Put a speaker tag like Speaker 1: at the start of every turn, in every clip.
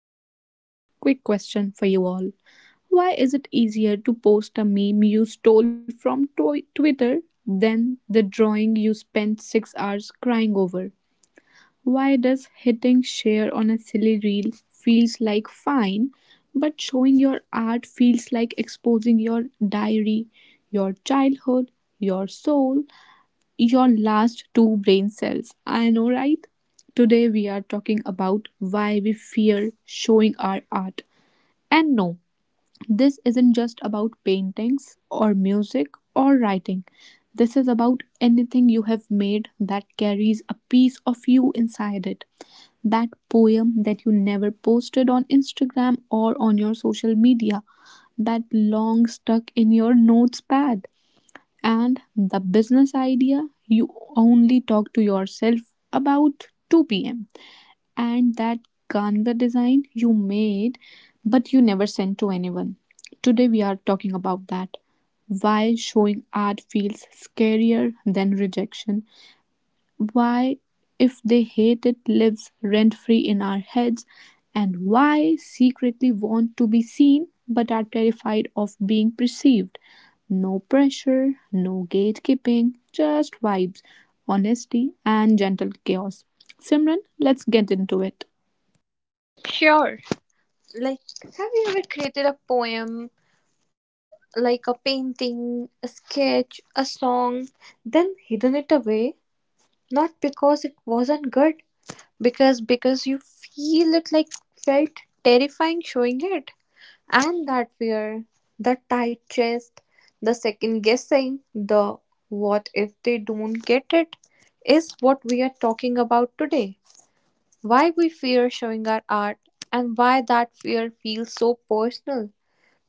Speaker 1: but like, quick question for you all. Why is it easier to post a meme you stole from Twitter than the drawing you spent 6 hours crying over? Why does hitting share on a silly reel feels like fine, but showing your art feels like exposing your diary, your childhood, your soul? Your last two brain cells. I know, right? Today we are talking about why we fear showing our art. And no, this isn't just about paintings or music or writing. This is about anything you have made that carries a piece of you inside it. That poem that you never posted on Instagram or on your social media, that long stuck in your notes pad, and the business idea you only talk to yourself about 2 pm. And that Canva design you made but you never sent to anyone. Today we are talking about that. Why showing art feels scarier than rejection, why, if they hate it lives rent-free in our heads, and why secretly want to be seen but are terrified of being perceived. No pressure, no gatekeeping, just vibes, honesty, and gentle chaos. Simran, let's get into it.
Speaker 2: Sure. Like, have you ever created a poem, like a painting, a sketch, a song, then hidden it away? Not because it wasn't good, because you feel it like felt terrifying showing it, and that fear, the tight chest, the second guessing, the what if they don't get it, is what we are talking about today, why we fear showing our art and why that fear feels so personal.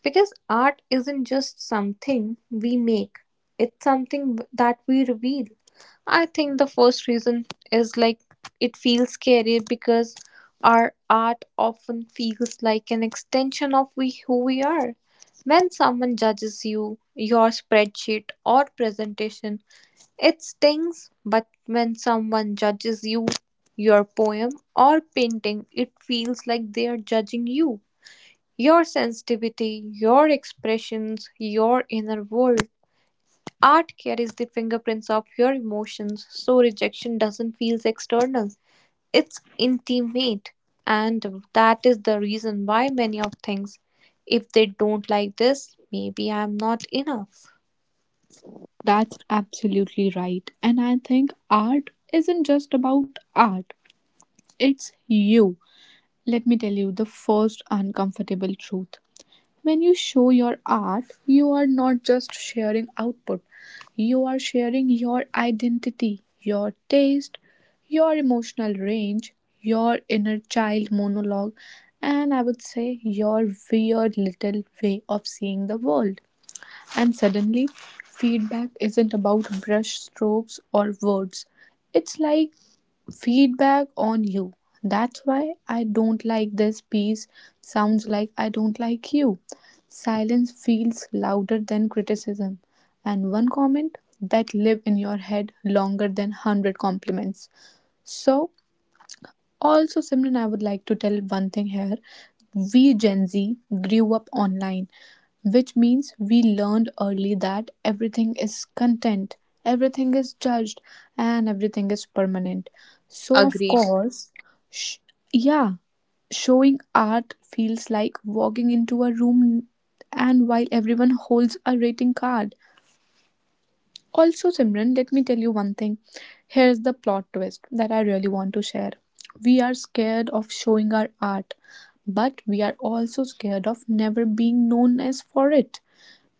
Speaker 2: Because art isn't just something we make, it's something that we reveal. I think the first reason is like it feels scary because our art often feels like an extension of we who we are. When someone judges you, your spreadsheet or presentation, it stings, but when someone judges you, your poem, or painting, it feels like they are judging you. Your sensitivity, your expressions, your inner world. Art carries the fingerprints of your emotions, so rejection doesn't feel external. It's intimate, and that is the reason why many of things, if they don't like this, maybe I'm not enough.
Speaker 1: That's absolutely right. And I think art isn't just about art, it's you. Let me tell you the first uncomfortable truth. When you show your art, you are not just sharing output, you are sharing your identity, your taste, your emotional range, your inner child monologue, and I would say your weird little way of seeing the world. And suddenly, feedback isn't about brush strokes or words. It's like feedback on you. That's why I don't like this piece sounds like I don't like you. Silence feels louder than criticism, and one comment that live in your head longer than 100 compliments. So also, Simran, I would like to tell one thing here. We Gen Z grew up online, which means we learned early that everything is content, everything is judged, and everything is permanent. So, of
Speaker 2: Agreed.
Speaker 1: course, sh- yeah, showing art feels like walking into a room and while everyone holds a rating card. Also, Simran, let me tell you one thing. Here's the plot twist that I really want to share. We are scared of showing our art, but we are also scared of never being known as for it.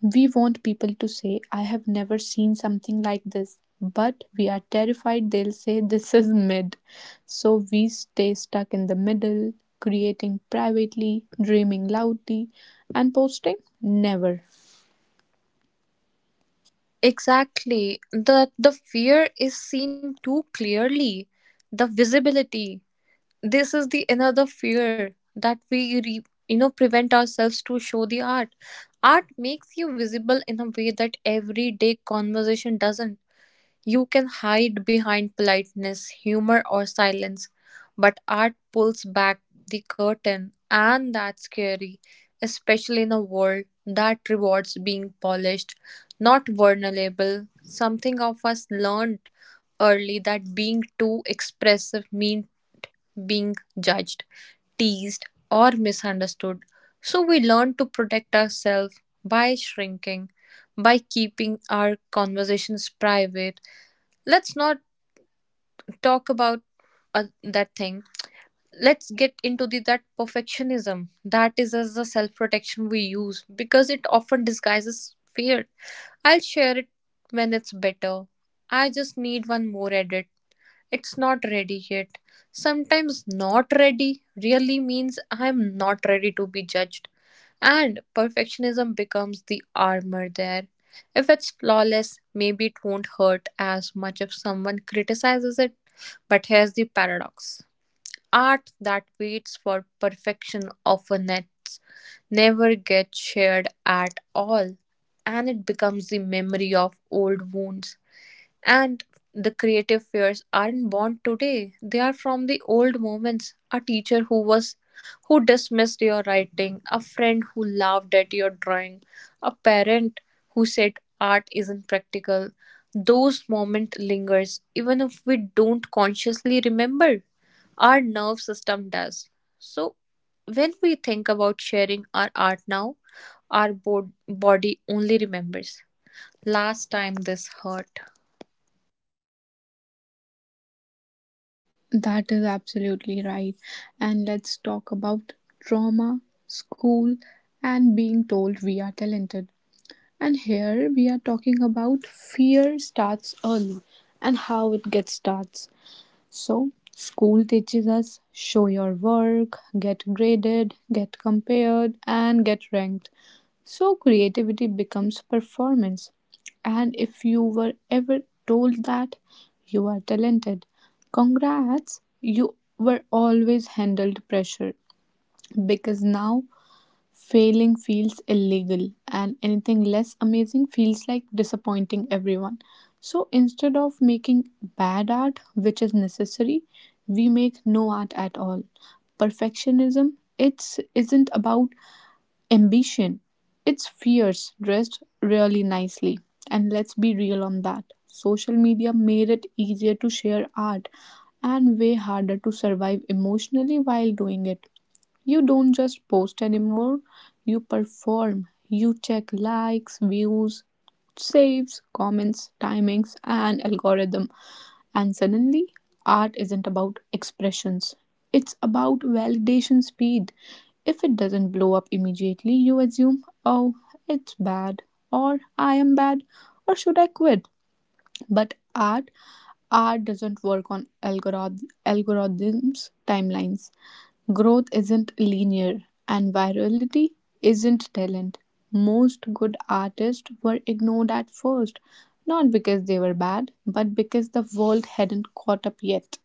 Speaker 1: We want people to say, I have never seen something like this, but we are terrified they'll say this is mid. So we stay stuck in the middle, creating privately, dreaming loudly, and posting never.
Speaker 2: Exactly. The fear is seen too clearly. The visibility. This is the another fear that we re, you know, prevent ourselves to show the art. Art makes you visible in a way that everyday conversation doesn't. You can hide behind politeness, humor, or silence, but art pulls back the curtain, and that's scary, especially in a world that rewards being polished, not vulnerable. Something of us learned early that being too expressive means being judged, teased, or misunderstood. So we learn to protect ourselves by shrinking, by keeping our conversations private. Let's not talk about that thing. Let's get into the that perfectionism that is as a self protection we use because it often disguises fear. I'll share it when it's better. I just need one more edit. It's not ready yet. Sometimes not ready really means I'm not ready to be judged. And perfectionism becomes the armor there. If it's flawless, maybe it won't hurt as much if someone criticizes it. But here's the paradox, art that waits for perfection often nets never gets shared at all, and it becomes the memory of old wounds. And the creative fears aren't born today. They are from the old moments. A teacher who was who dismissed your writing, a friend who laughed at your drawing, a parent who said art isn't practical. Those moment lingers even if we don't consciously remember. Our nerve system does. So when we think about sharing our art now, our body only remembers last time this hurt.
Speaker 1: That is absolutely right. And let's talk about trauma, school, and being told we are talented. And here we are talking about fear starts early and how it gets starts. So, school teaches us show your work, get graded, get compared, and get ranked. So creativity becomes performance. And if you were ever told that you are talented, congrats, you were always handled pressure because now failing feels illegal and anything less amazing feels like disappointing everyone. So instead of making bad art, which is necessary, we make no art at all. Perfectionism it's isn't about ambition. It's fierce, dressed really nicely. And let's be real on that. Social media made it easier to share art and way harder to survive emotionally while doing it. You don't just post anymore, you perform. You check likes, views, saves, comments, timings, and algorithm. And suddenly, art isn't about expressions, it's about validation speed. If it doesn't blow up immediately, you assume, oh, it's bad, or I am bad, or should I quit? But art doesn't work on algorithms timelines. Growth isn't linear, and virality isn't talent. Most good artists were ignored at first, not because they were bad, but because the world hadn't caught up yet.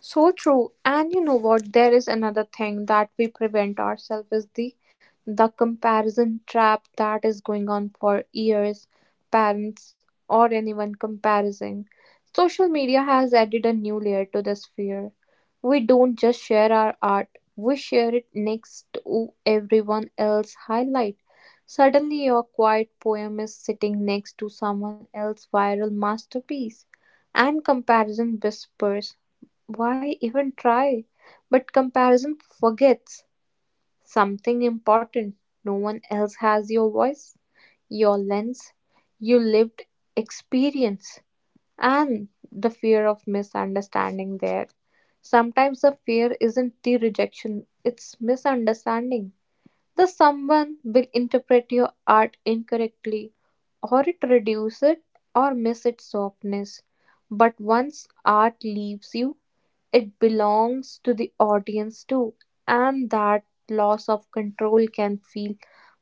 Speaker 2: So true. And you know what? There is another thing that we prevent ourselves is the comparison trap that is going on for years, parents or anyone comparing. Social media has added a new layer to this fear. We don't just share our art, we share it next to everyone else's highlight. Suddenly your quiet poem is sitting next to someone else's viral masterpiece and comparison whispers why even try? But comparison forgets something important. No one else has your voice, your lens, your lived experience, and the fear of misunderstanding there. Sometimes the fear isn't the rejection, it's misunderstanding. The someone will interpret your art incorrectly, or it reduce it or miss its softness. But once art leaves you, it belongs to the audience too, and that loss of control can feel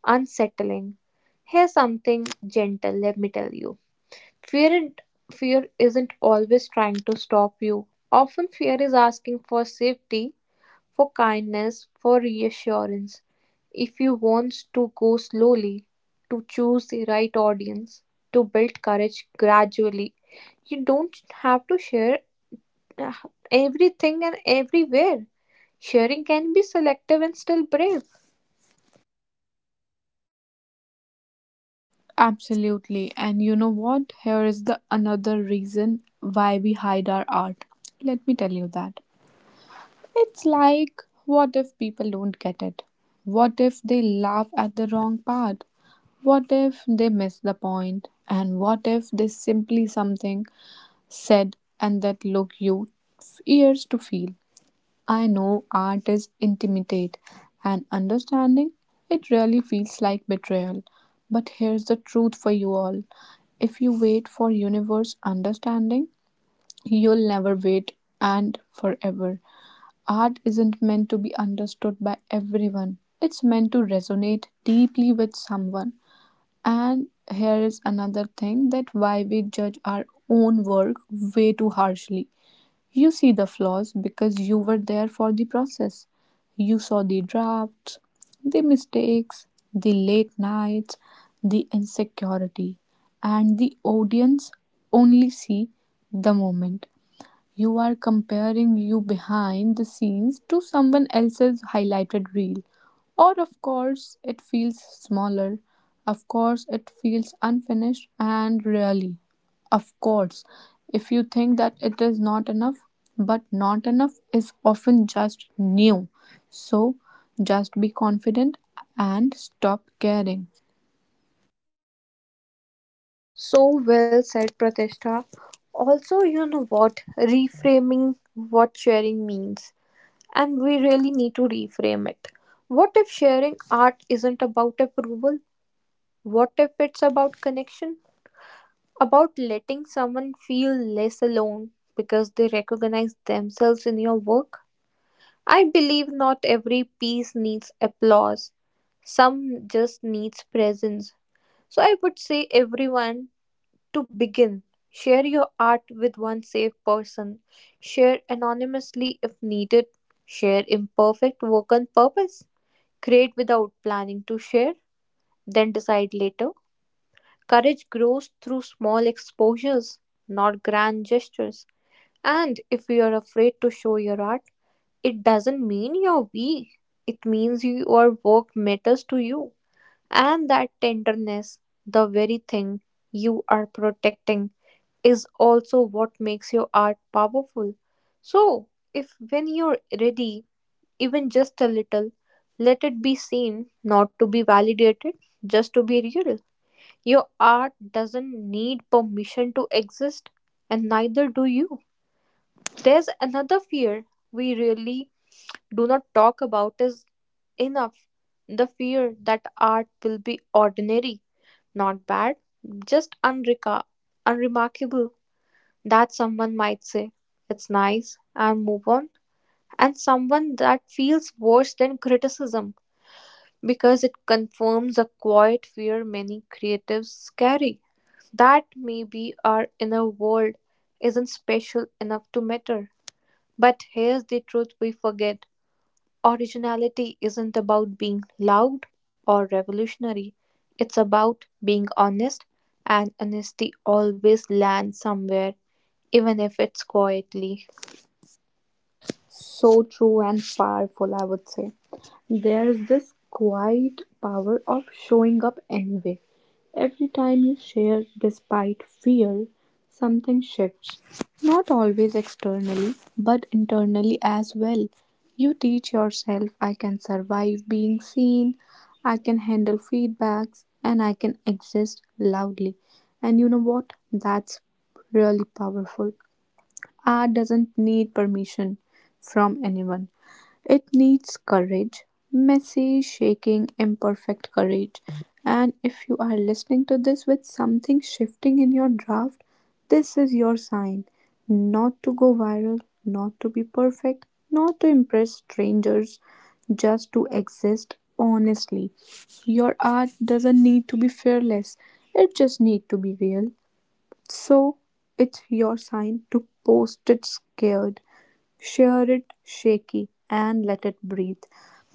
Speaker 2: unsettling. Here's something gentle, let me tell you. Fear and fear isn't always trying to stop you. Often fear is asking for safety, for kindness, for reassurance. If you want to go slowly, to choose the right audience, to build courage gradually, you don't have to share uh, everything and everywhere. Sharing can be selective and still brave.
Speaker 1: Absolutely. And you know what? Here is the another reason why we hide our art. Let me tell you that. It's like what if people don't get it? What if they laugh at the wrong part? What if they miss the point? And what if they simply something said, and that look you years to feel. I know art is intimate and understanding. It really feels like betrayal. But here's the truth for you all. If you wait for universe understanding, you'll never wait and forever. Art isn't meant to be understood by everyone. It's meant to resonate deeply with someone. And here is another thing that why we judge our own work way too harshly. You see the flaws because you were there for the process. You saw the drafts, the mistakes, the late nights, the insecurity, and the audience only see the moment. You are comparing you behind the scenes to someone else's highlighted reel. Or, of course, it feels smaller. Of course, it feels unfinished and really. Of course, if you think that it is not enough, but not enough is often just new. So, just be confident and stop caring.
Speaker 2: So well said, Pratishtha. Also, you know what? Reframing what sharing means. And we really need to reframe it. What if sharing art isn't about approval? What if it's about connection? About letting someone feel less alone because they recognize themselves in your work? I believe not every piece needs applause. Some just needs presence. So I would say everyone to begin. Share your art with one safe person. Share anonymously if needed. Share imperfect work on purpose. Create without planning to share, then decide later. Courage grows through small exposures, not grand gestures. And if you are afraid to show your art, it doesn't mean you're weak. It means your work matters to you. And that tenderness, the very thing you are protecting, is also what makes your art powerful. So, if when you're ready, even just a little, let it be seen, not to be validated, just to be real. Your art doesn't need permission to exist, and neither do you. There's another fear we really do not talk about is enough. The fear that art will be ordinary, not bad, just unremarkable, that someone might say, it's nice, and move on. And someone that feels worse than criticism because it confirms a quiet fear many creatives carry that maybe our inner world isn't special enough to matter. But here's the truth we forget, originality isn't about being loud or revolutionary, it's about being honest, and honesty always lands somewhere, even if it's quietly.
Speaker 1: So true and powerful, I would say. There's this quiet power of showing up anyway. Every time you share despite fear, something shifts. Not always externally, but internally as well. You teach yourself I can survive being seen, I can handle feedbacks, and I can exist loudly. And you know what? That's really powerful. Art doesn't need permission from anyone. It needs courage, messy, shaking, imperfect courage. And if you are listening to this with something shifting in your draft, this is your sign. Not to go viral, not to be perfect, not to impress strangers, just to exist honestly. Your art doesn't need to be fearless, it just needs to be real. So it's your sign to post it scared, share it shaky, and let it breathe.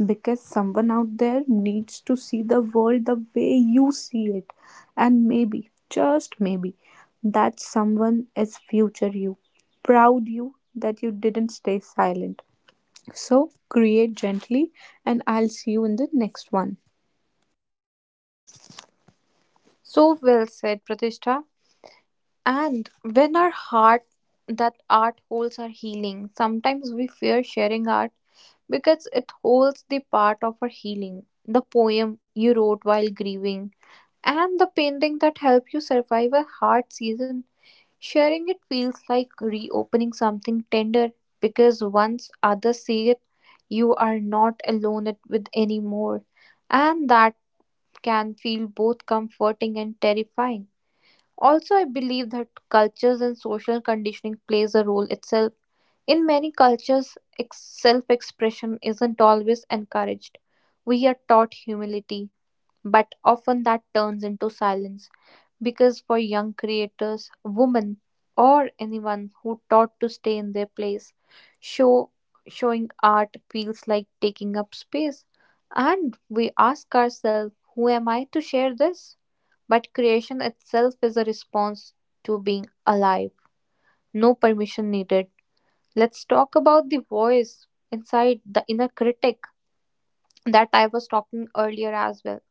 Speaker 1: Because someone out there needs to see the world the way you see it. And maybe, just maybe, that someone is future you, proud you that you didn't stay silent. So create gently, and I'll see you in the next one.
Speaker 2: So well said, Pratishtha. And when our heart that art holds are healing, sometimes we fear sharing art because it holds the part of our healing. The poem you wrote while grieving, and the painting that helped you survive a hard season, sharing it feels like reopening something tender because once others see it, you are not alone it with anymore. And that can feel both comforting and terrifying. Also, I believe that cultures and social conditioning plays a role itself. In many cultures, self-expression isn't always encouraged. We are taught humility, but often that turns into silence because for young creators, women or anyone who taught to stay in their place, show showing art feels like taking up space. And we ask ourselves, who am I to share this? But creation itself is a response to being alive. No permission needed. Let's talk about the voice inside the inner critic that I was talking earlier as well.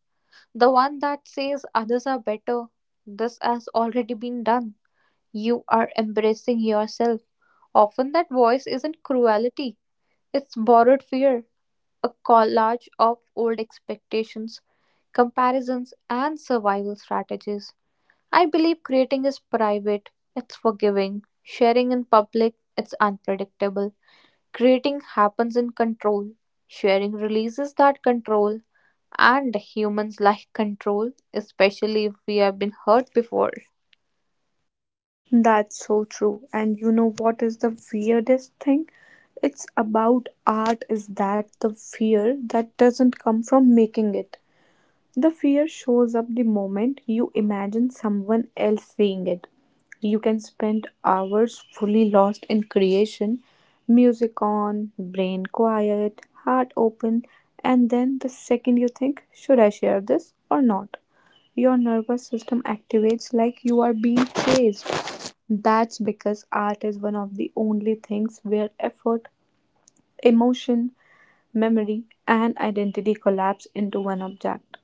Speaker 2: The one that says others are better. This has already been done. You are embracing yourself. Often that voice isn't cruelty, it's borrowed fear, a collage of old expectations, comparisons, and survival strategies. I believe creating is private, it's forgiving. Sharing in public, it's unpredictable. Creating happens in control. Sharing releases that control, and humans like control, especially if we have been hurt before.
Speaker 1: That's so true. And you know what is the weirdest thing? It's about art
Speaker 2: What?
Speaker 1: is that the fear that doesn't come from making it. The fear
Speaker 2: True.
Speaker 1: shows up the moment you imagine someone else seeing it. You can spend hours fully lost in creation, music on, brain quiet, heart open, and then the second you think, should I share this or not? Your nervous system activates like you are being chased. That's because art is one of the only things where effort, emotion, memory, and identity collapse into one object.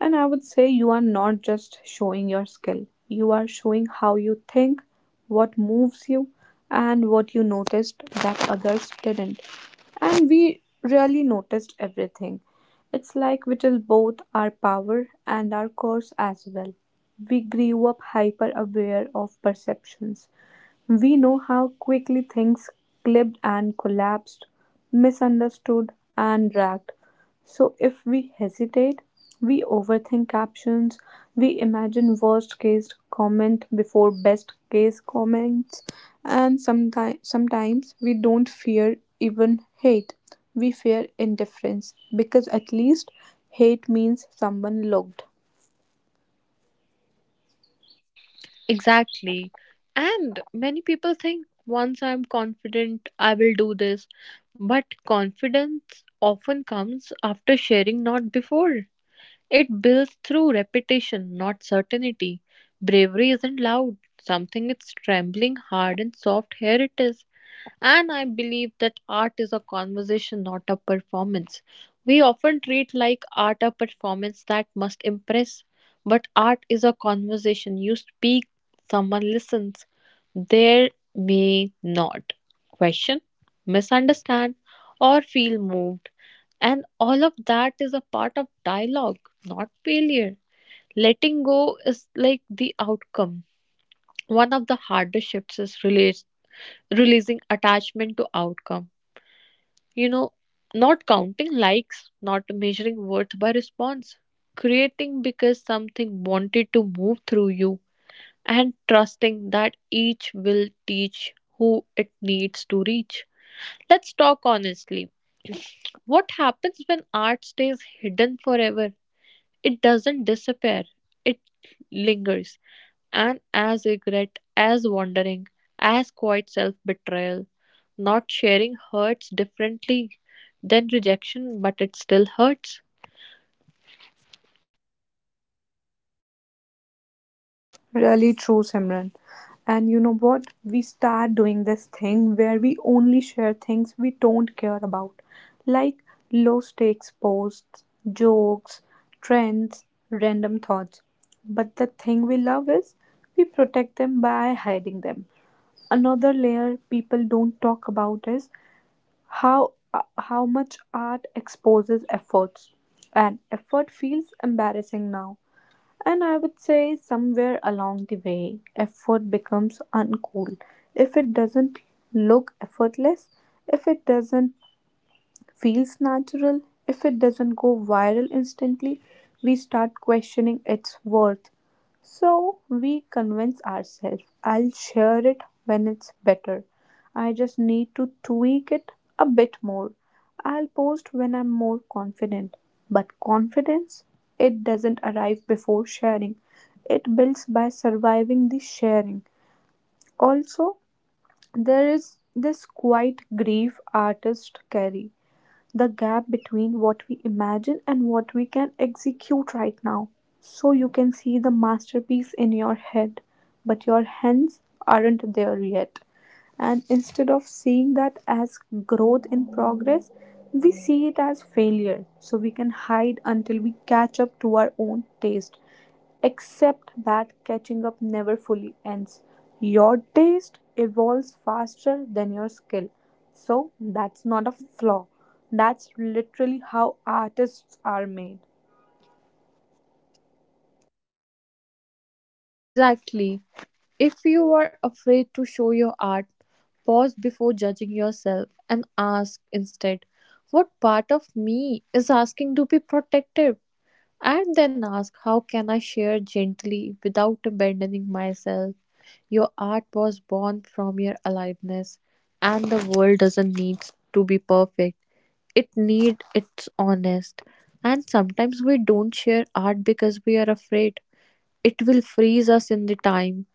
Speaker 1: And I would say you are not just showing your skill, you are showing how you think, what moves you, and what you noticed that others didn't. And we really noticed everything. It's like which is both our power and our curse as well. We grew up hyper aware of perceptions, we know how quickly things clipped and collapsed, misunderstood and dragged. So, if we hesitate, we overthink captions, we imagine worst case comment before best case comments, and sometimes we don't fear even hate. We fear indifference because at least hate means someone looked.
Speaker 2: Exactly. And many people think once I'm confident, I will do this. But confidence often comes after sharing, not before. It builds through repetition, not certainty. Bravery isn't loud, something it's trembling hard and soft. Here it is. And I believe that art is a conversation, not a performance. We often treat like art a performance that must impress, but art is a conversation. You speak, someone listens. There may not question, misunderstand, or feel moved. And all of that is a part of dialogue, not failure. Letting go is like the outcome. One of the hardest shifts is release, releasing attachment to outcome. You know, not counting likes, not measuring worth by response, creating because something wanted to move through you, and trusting that each will teach who it needs to reach. Let's talk honestly. What happens when art stays hidden forever? It doesn't disappear, it lingers, and as regret, as wandering, as quiet self betrayal. Not sharing hurts differently than rejection, but it still hurts.
Speaker 1: Really true, Simran. And you know what? We start doing this thing where we only share things we don't care about, like low stakes posts, jokes, trends, random thoughts. But the thing we love is we protect them by hiding them. Another layer people don't talk about is how much art exposes efforts and effort feels embarrassing now and I would say somewhere along the way, effort becomes uncool. If it doesn't look effortless, if it doesn't feels natural, if it doesn't go viral instantly, we start questioning its worth. So we convince ourselves, I'll share it when it's better. I just need to tweak it a bit more. I'll post when I'm more confident. But confidence, it doesn't arrive before sharing, it builds by surviving the sharing. Also, there is this quiet grief artists carry the gap between what we imagine and what we can execute right now. So you can see the masterpiece in your head, but your hands aren't there yet. And instead of seeing that as growth in progress, we see it as failure. So we can hide until we catch up to our own taste. Except that catching up never fully ends. Your taste evolves faster than your skill. So that's not a flaw. That's literally how artists are made.
Speaker 2: Exactly. If you are afraid to show your art, pause before judging yourself and ask instead, what part of me is asking to be protected? And then ask how can I share gently without abandoning myself. Your art was born from your aliveness, and the world doesn't need to be perfect. It need it's honest. And sometimes we don't share art because we are afraid it will freeze us in the time.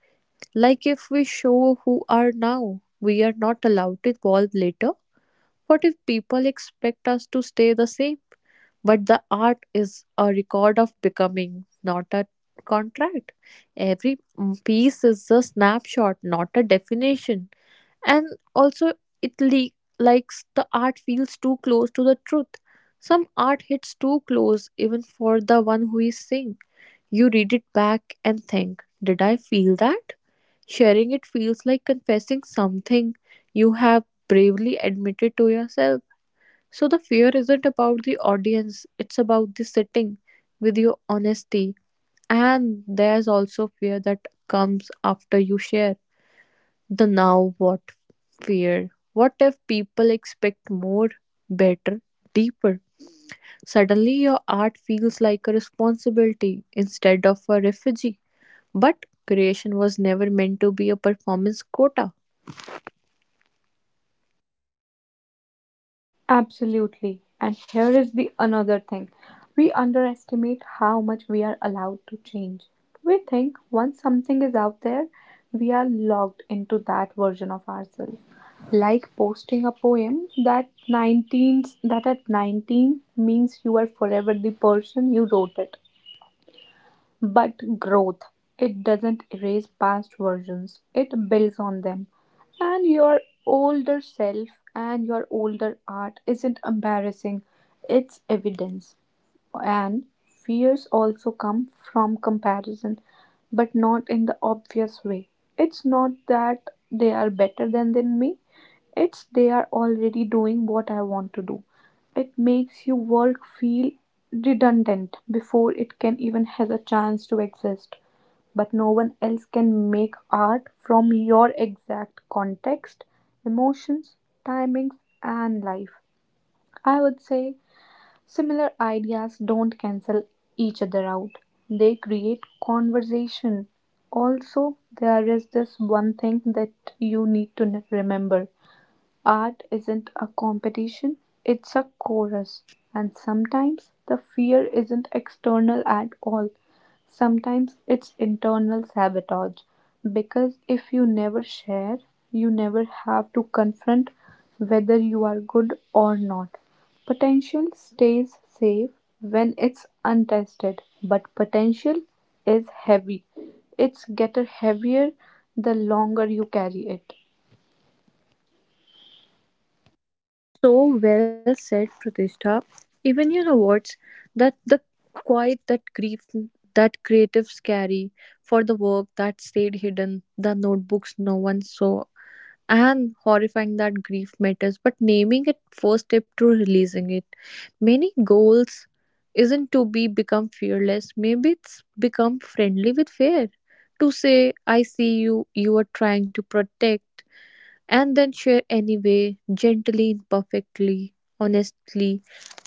Speaker 2: Like if we show who are now, we are not allowed to evolve later. What if people expect us to stay the same? But the art is a record of becoming, not a contract. Every piece is a snapshot, not a definition. And also, it likes the art feels too close to the truth. Some art hits too close, even for the one who is seeing. You read it back and think, did I feel that? Sharing it feels like confessing something you have bravely admitted to yourself, so the fear isn't about the audience, it's about the sitting with your honesty. And there's also fear that comes after you share. The now what fear. What if people expect more, better, deeper? Suddenly your art feels like a responsibility instead of a refugee. But creation was never meant to be a performance quota.
Speaker 1: Absolutely. And here is the another thing. We underestimate how much we are allowed to change. We think once something is out there, we are locked into that version of ourselves. Like posting a poem that 19 that at 19 means you are forever the person you wrote it. But growth, it doesn't erase past versions, it builds on them. And your older self and your older art isn't embarrassing, it's evidence. And fears also come from comparison, but not in the obvious way. It's not that they are better than me, it's they are already doing what I want to do. It makes your work feel redundant before it can even has a chance to exist. But no one else can make art from your exact context, emotions, timings, and life. I would say similar ideas don't cancel each other out. They create conversation. Also, there is this one thing that you need to remember. Art isn't a competition, it's a chorus. And sometimes the fear isn't external at all. Sometimes it's internal sabotage. Because if you never share, you never have to confront whether you are good or not. Potential stays safe when it's untested, but potential is heavy. It's getter heavier the longer you carry it.
Speaker 2: So well said, Pratishta. Even you know what's that the quiet that grief that creatives carry for the work that stayed hidden, the notebooks no one saw, and horrifying that grief matters, but naming it first step to releasing it. Many goals isn't to be become fearless, maybe it's become friendly with fear. To say, I see you, you are trying to protect and then share anyway, gently, imperfectly, honestly.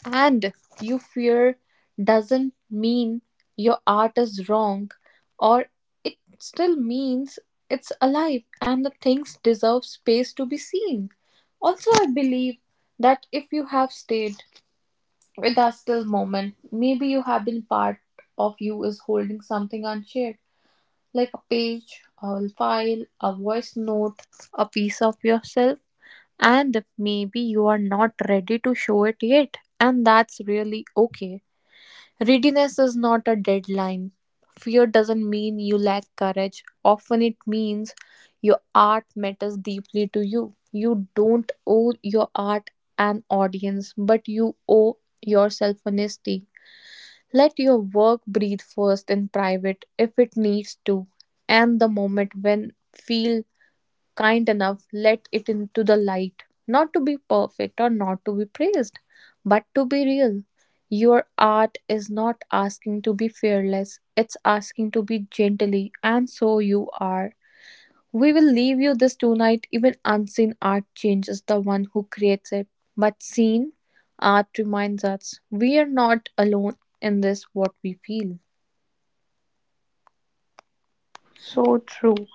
Speaker 2: And you fear doesn't mean your art is wrong, or it still means it's alive and the things deserve space to be seen. Also, I believe that if you have stayed with us till moment, maybe you have been part of you is holding something unshared, like a page, a file, a voice note, a piece of yourself, and maybe you are not ready to show it yet, and that's really okay. Readiness is not a deadline. Fear doesn't mean you lack courage, often it means your art matters deeply to you. You don't owe your art an audience, but you owe yourself honesty. Let your work breathe first in private if it needs to, and the moment when feel kind enough, let it into the light, not to be perfect or not to be praised, but to be real. Your art is not asking to be fearless, it's asking to be gently, and so you are. We will leave you this tonight, even unseen art changes the one who creates it, but seen art reminds us we are not alone in this what we feel.
Speaker 1: So true.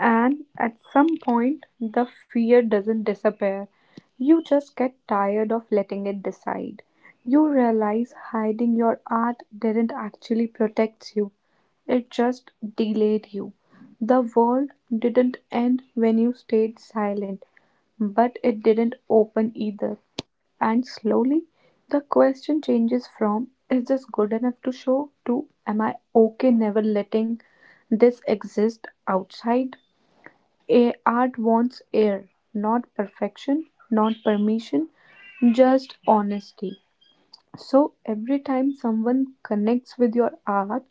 Speaker 1: And at some point, the fear doesn't disappear. You just get tired of letting it decide. You realize hiding your art didn't actually protect you, it just delayed you. The world didn't end when you stayed silent, but it didn't open either. And slowly, the question changes from is this good enough to show to am I okay never letting this exist outside? Art wants air, not perfection, not permission, just honesty. So every time someone connects with your art,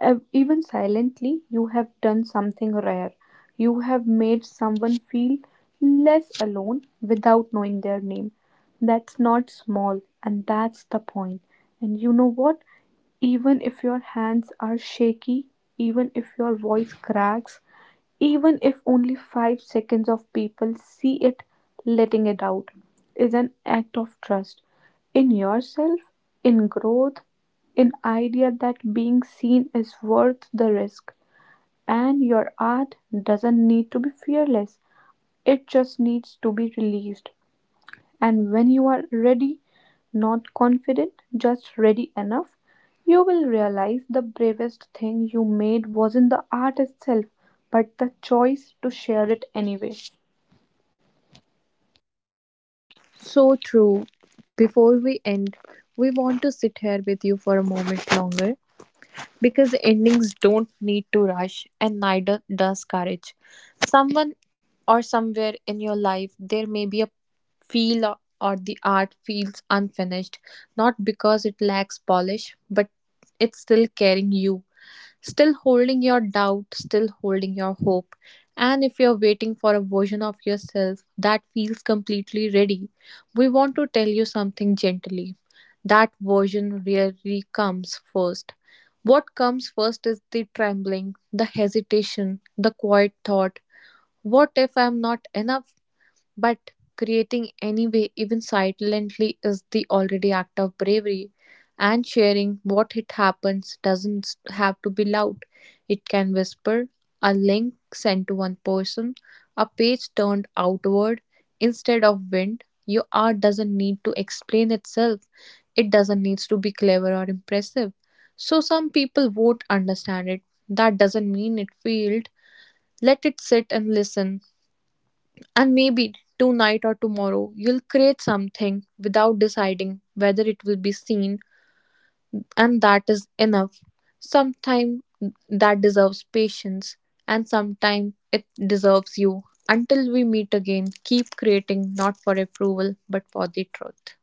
Speaker 1: even silently, you have done something rare. You have made someone feel less alone without knowing their name. That's not small, and that's the point. And you know what? Even if your hands are shaky, even if your voice cracks, even if only 5 seconds of people see it, letting it out is an act of trust in yourself, in growth, in idea that being seen is worth the risk. And your art doesn't need to be fearless, it just needs to be released. And when you are ready, not confident, just ready enough, you will realize the bravest thing you made wasn't the art itself, but the choice to share it anyway.
Speaker 2: So true. Before we end, we want to sit here with you for a moment longer because endings don't need to rush and neither does courage. Someone or somewhere in your life, there may be a feel or the art feels unfinished, not because it lacks polish, but it's still carrying you, still holding your doubt, still holding your hope. And if you're waiting for a version of yourself that feels completely ready, we want to tell you something gently. That version rarely comes first. What comes first is the trembling, the hesitation, the quiet thought, what if I'm not enough? But creating anyway, even silently, is the already act of bravery. And sharing what it happens doesn't have to be loud. It can whisper, a link sent to one person, a page turned outward instead of wind. Your art doesn't need to explain itself. It doesn't need to be clever or impressive. So some people won't understand it. That doesn't mean it failed. Let it sit and listen, and maybe tonight or tomorrow, you'll create something without deciding whether it will be seen, and that is enough. Sometime that deserves patience, and sometime it deserves you. Until we meet again, keep creating not for approval but for the truth.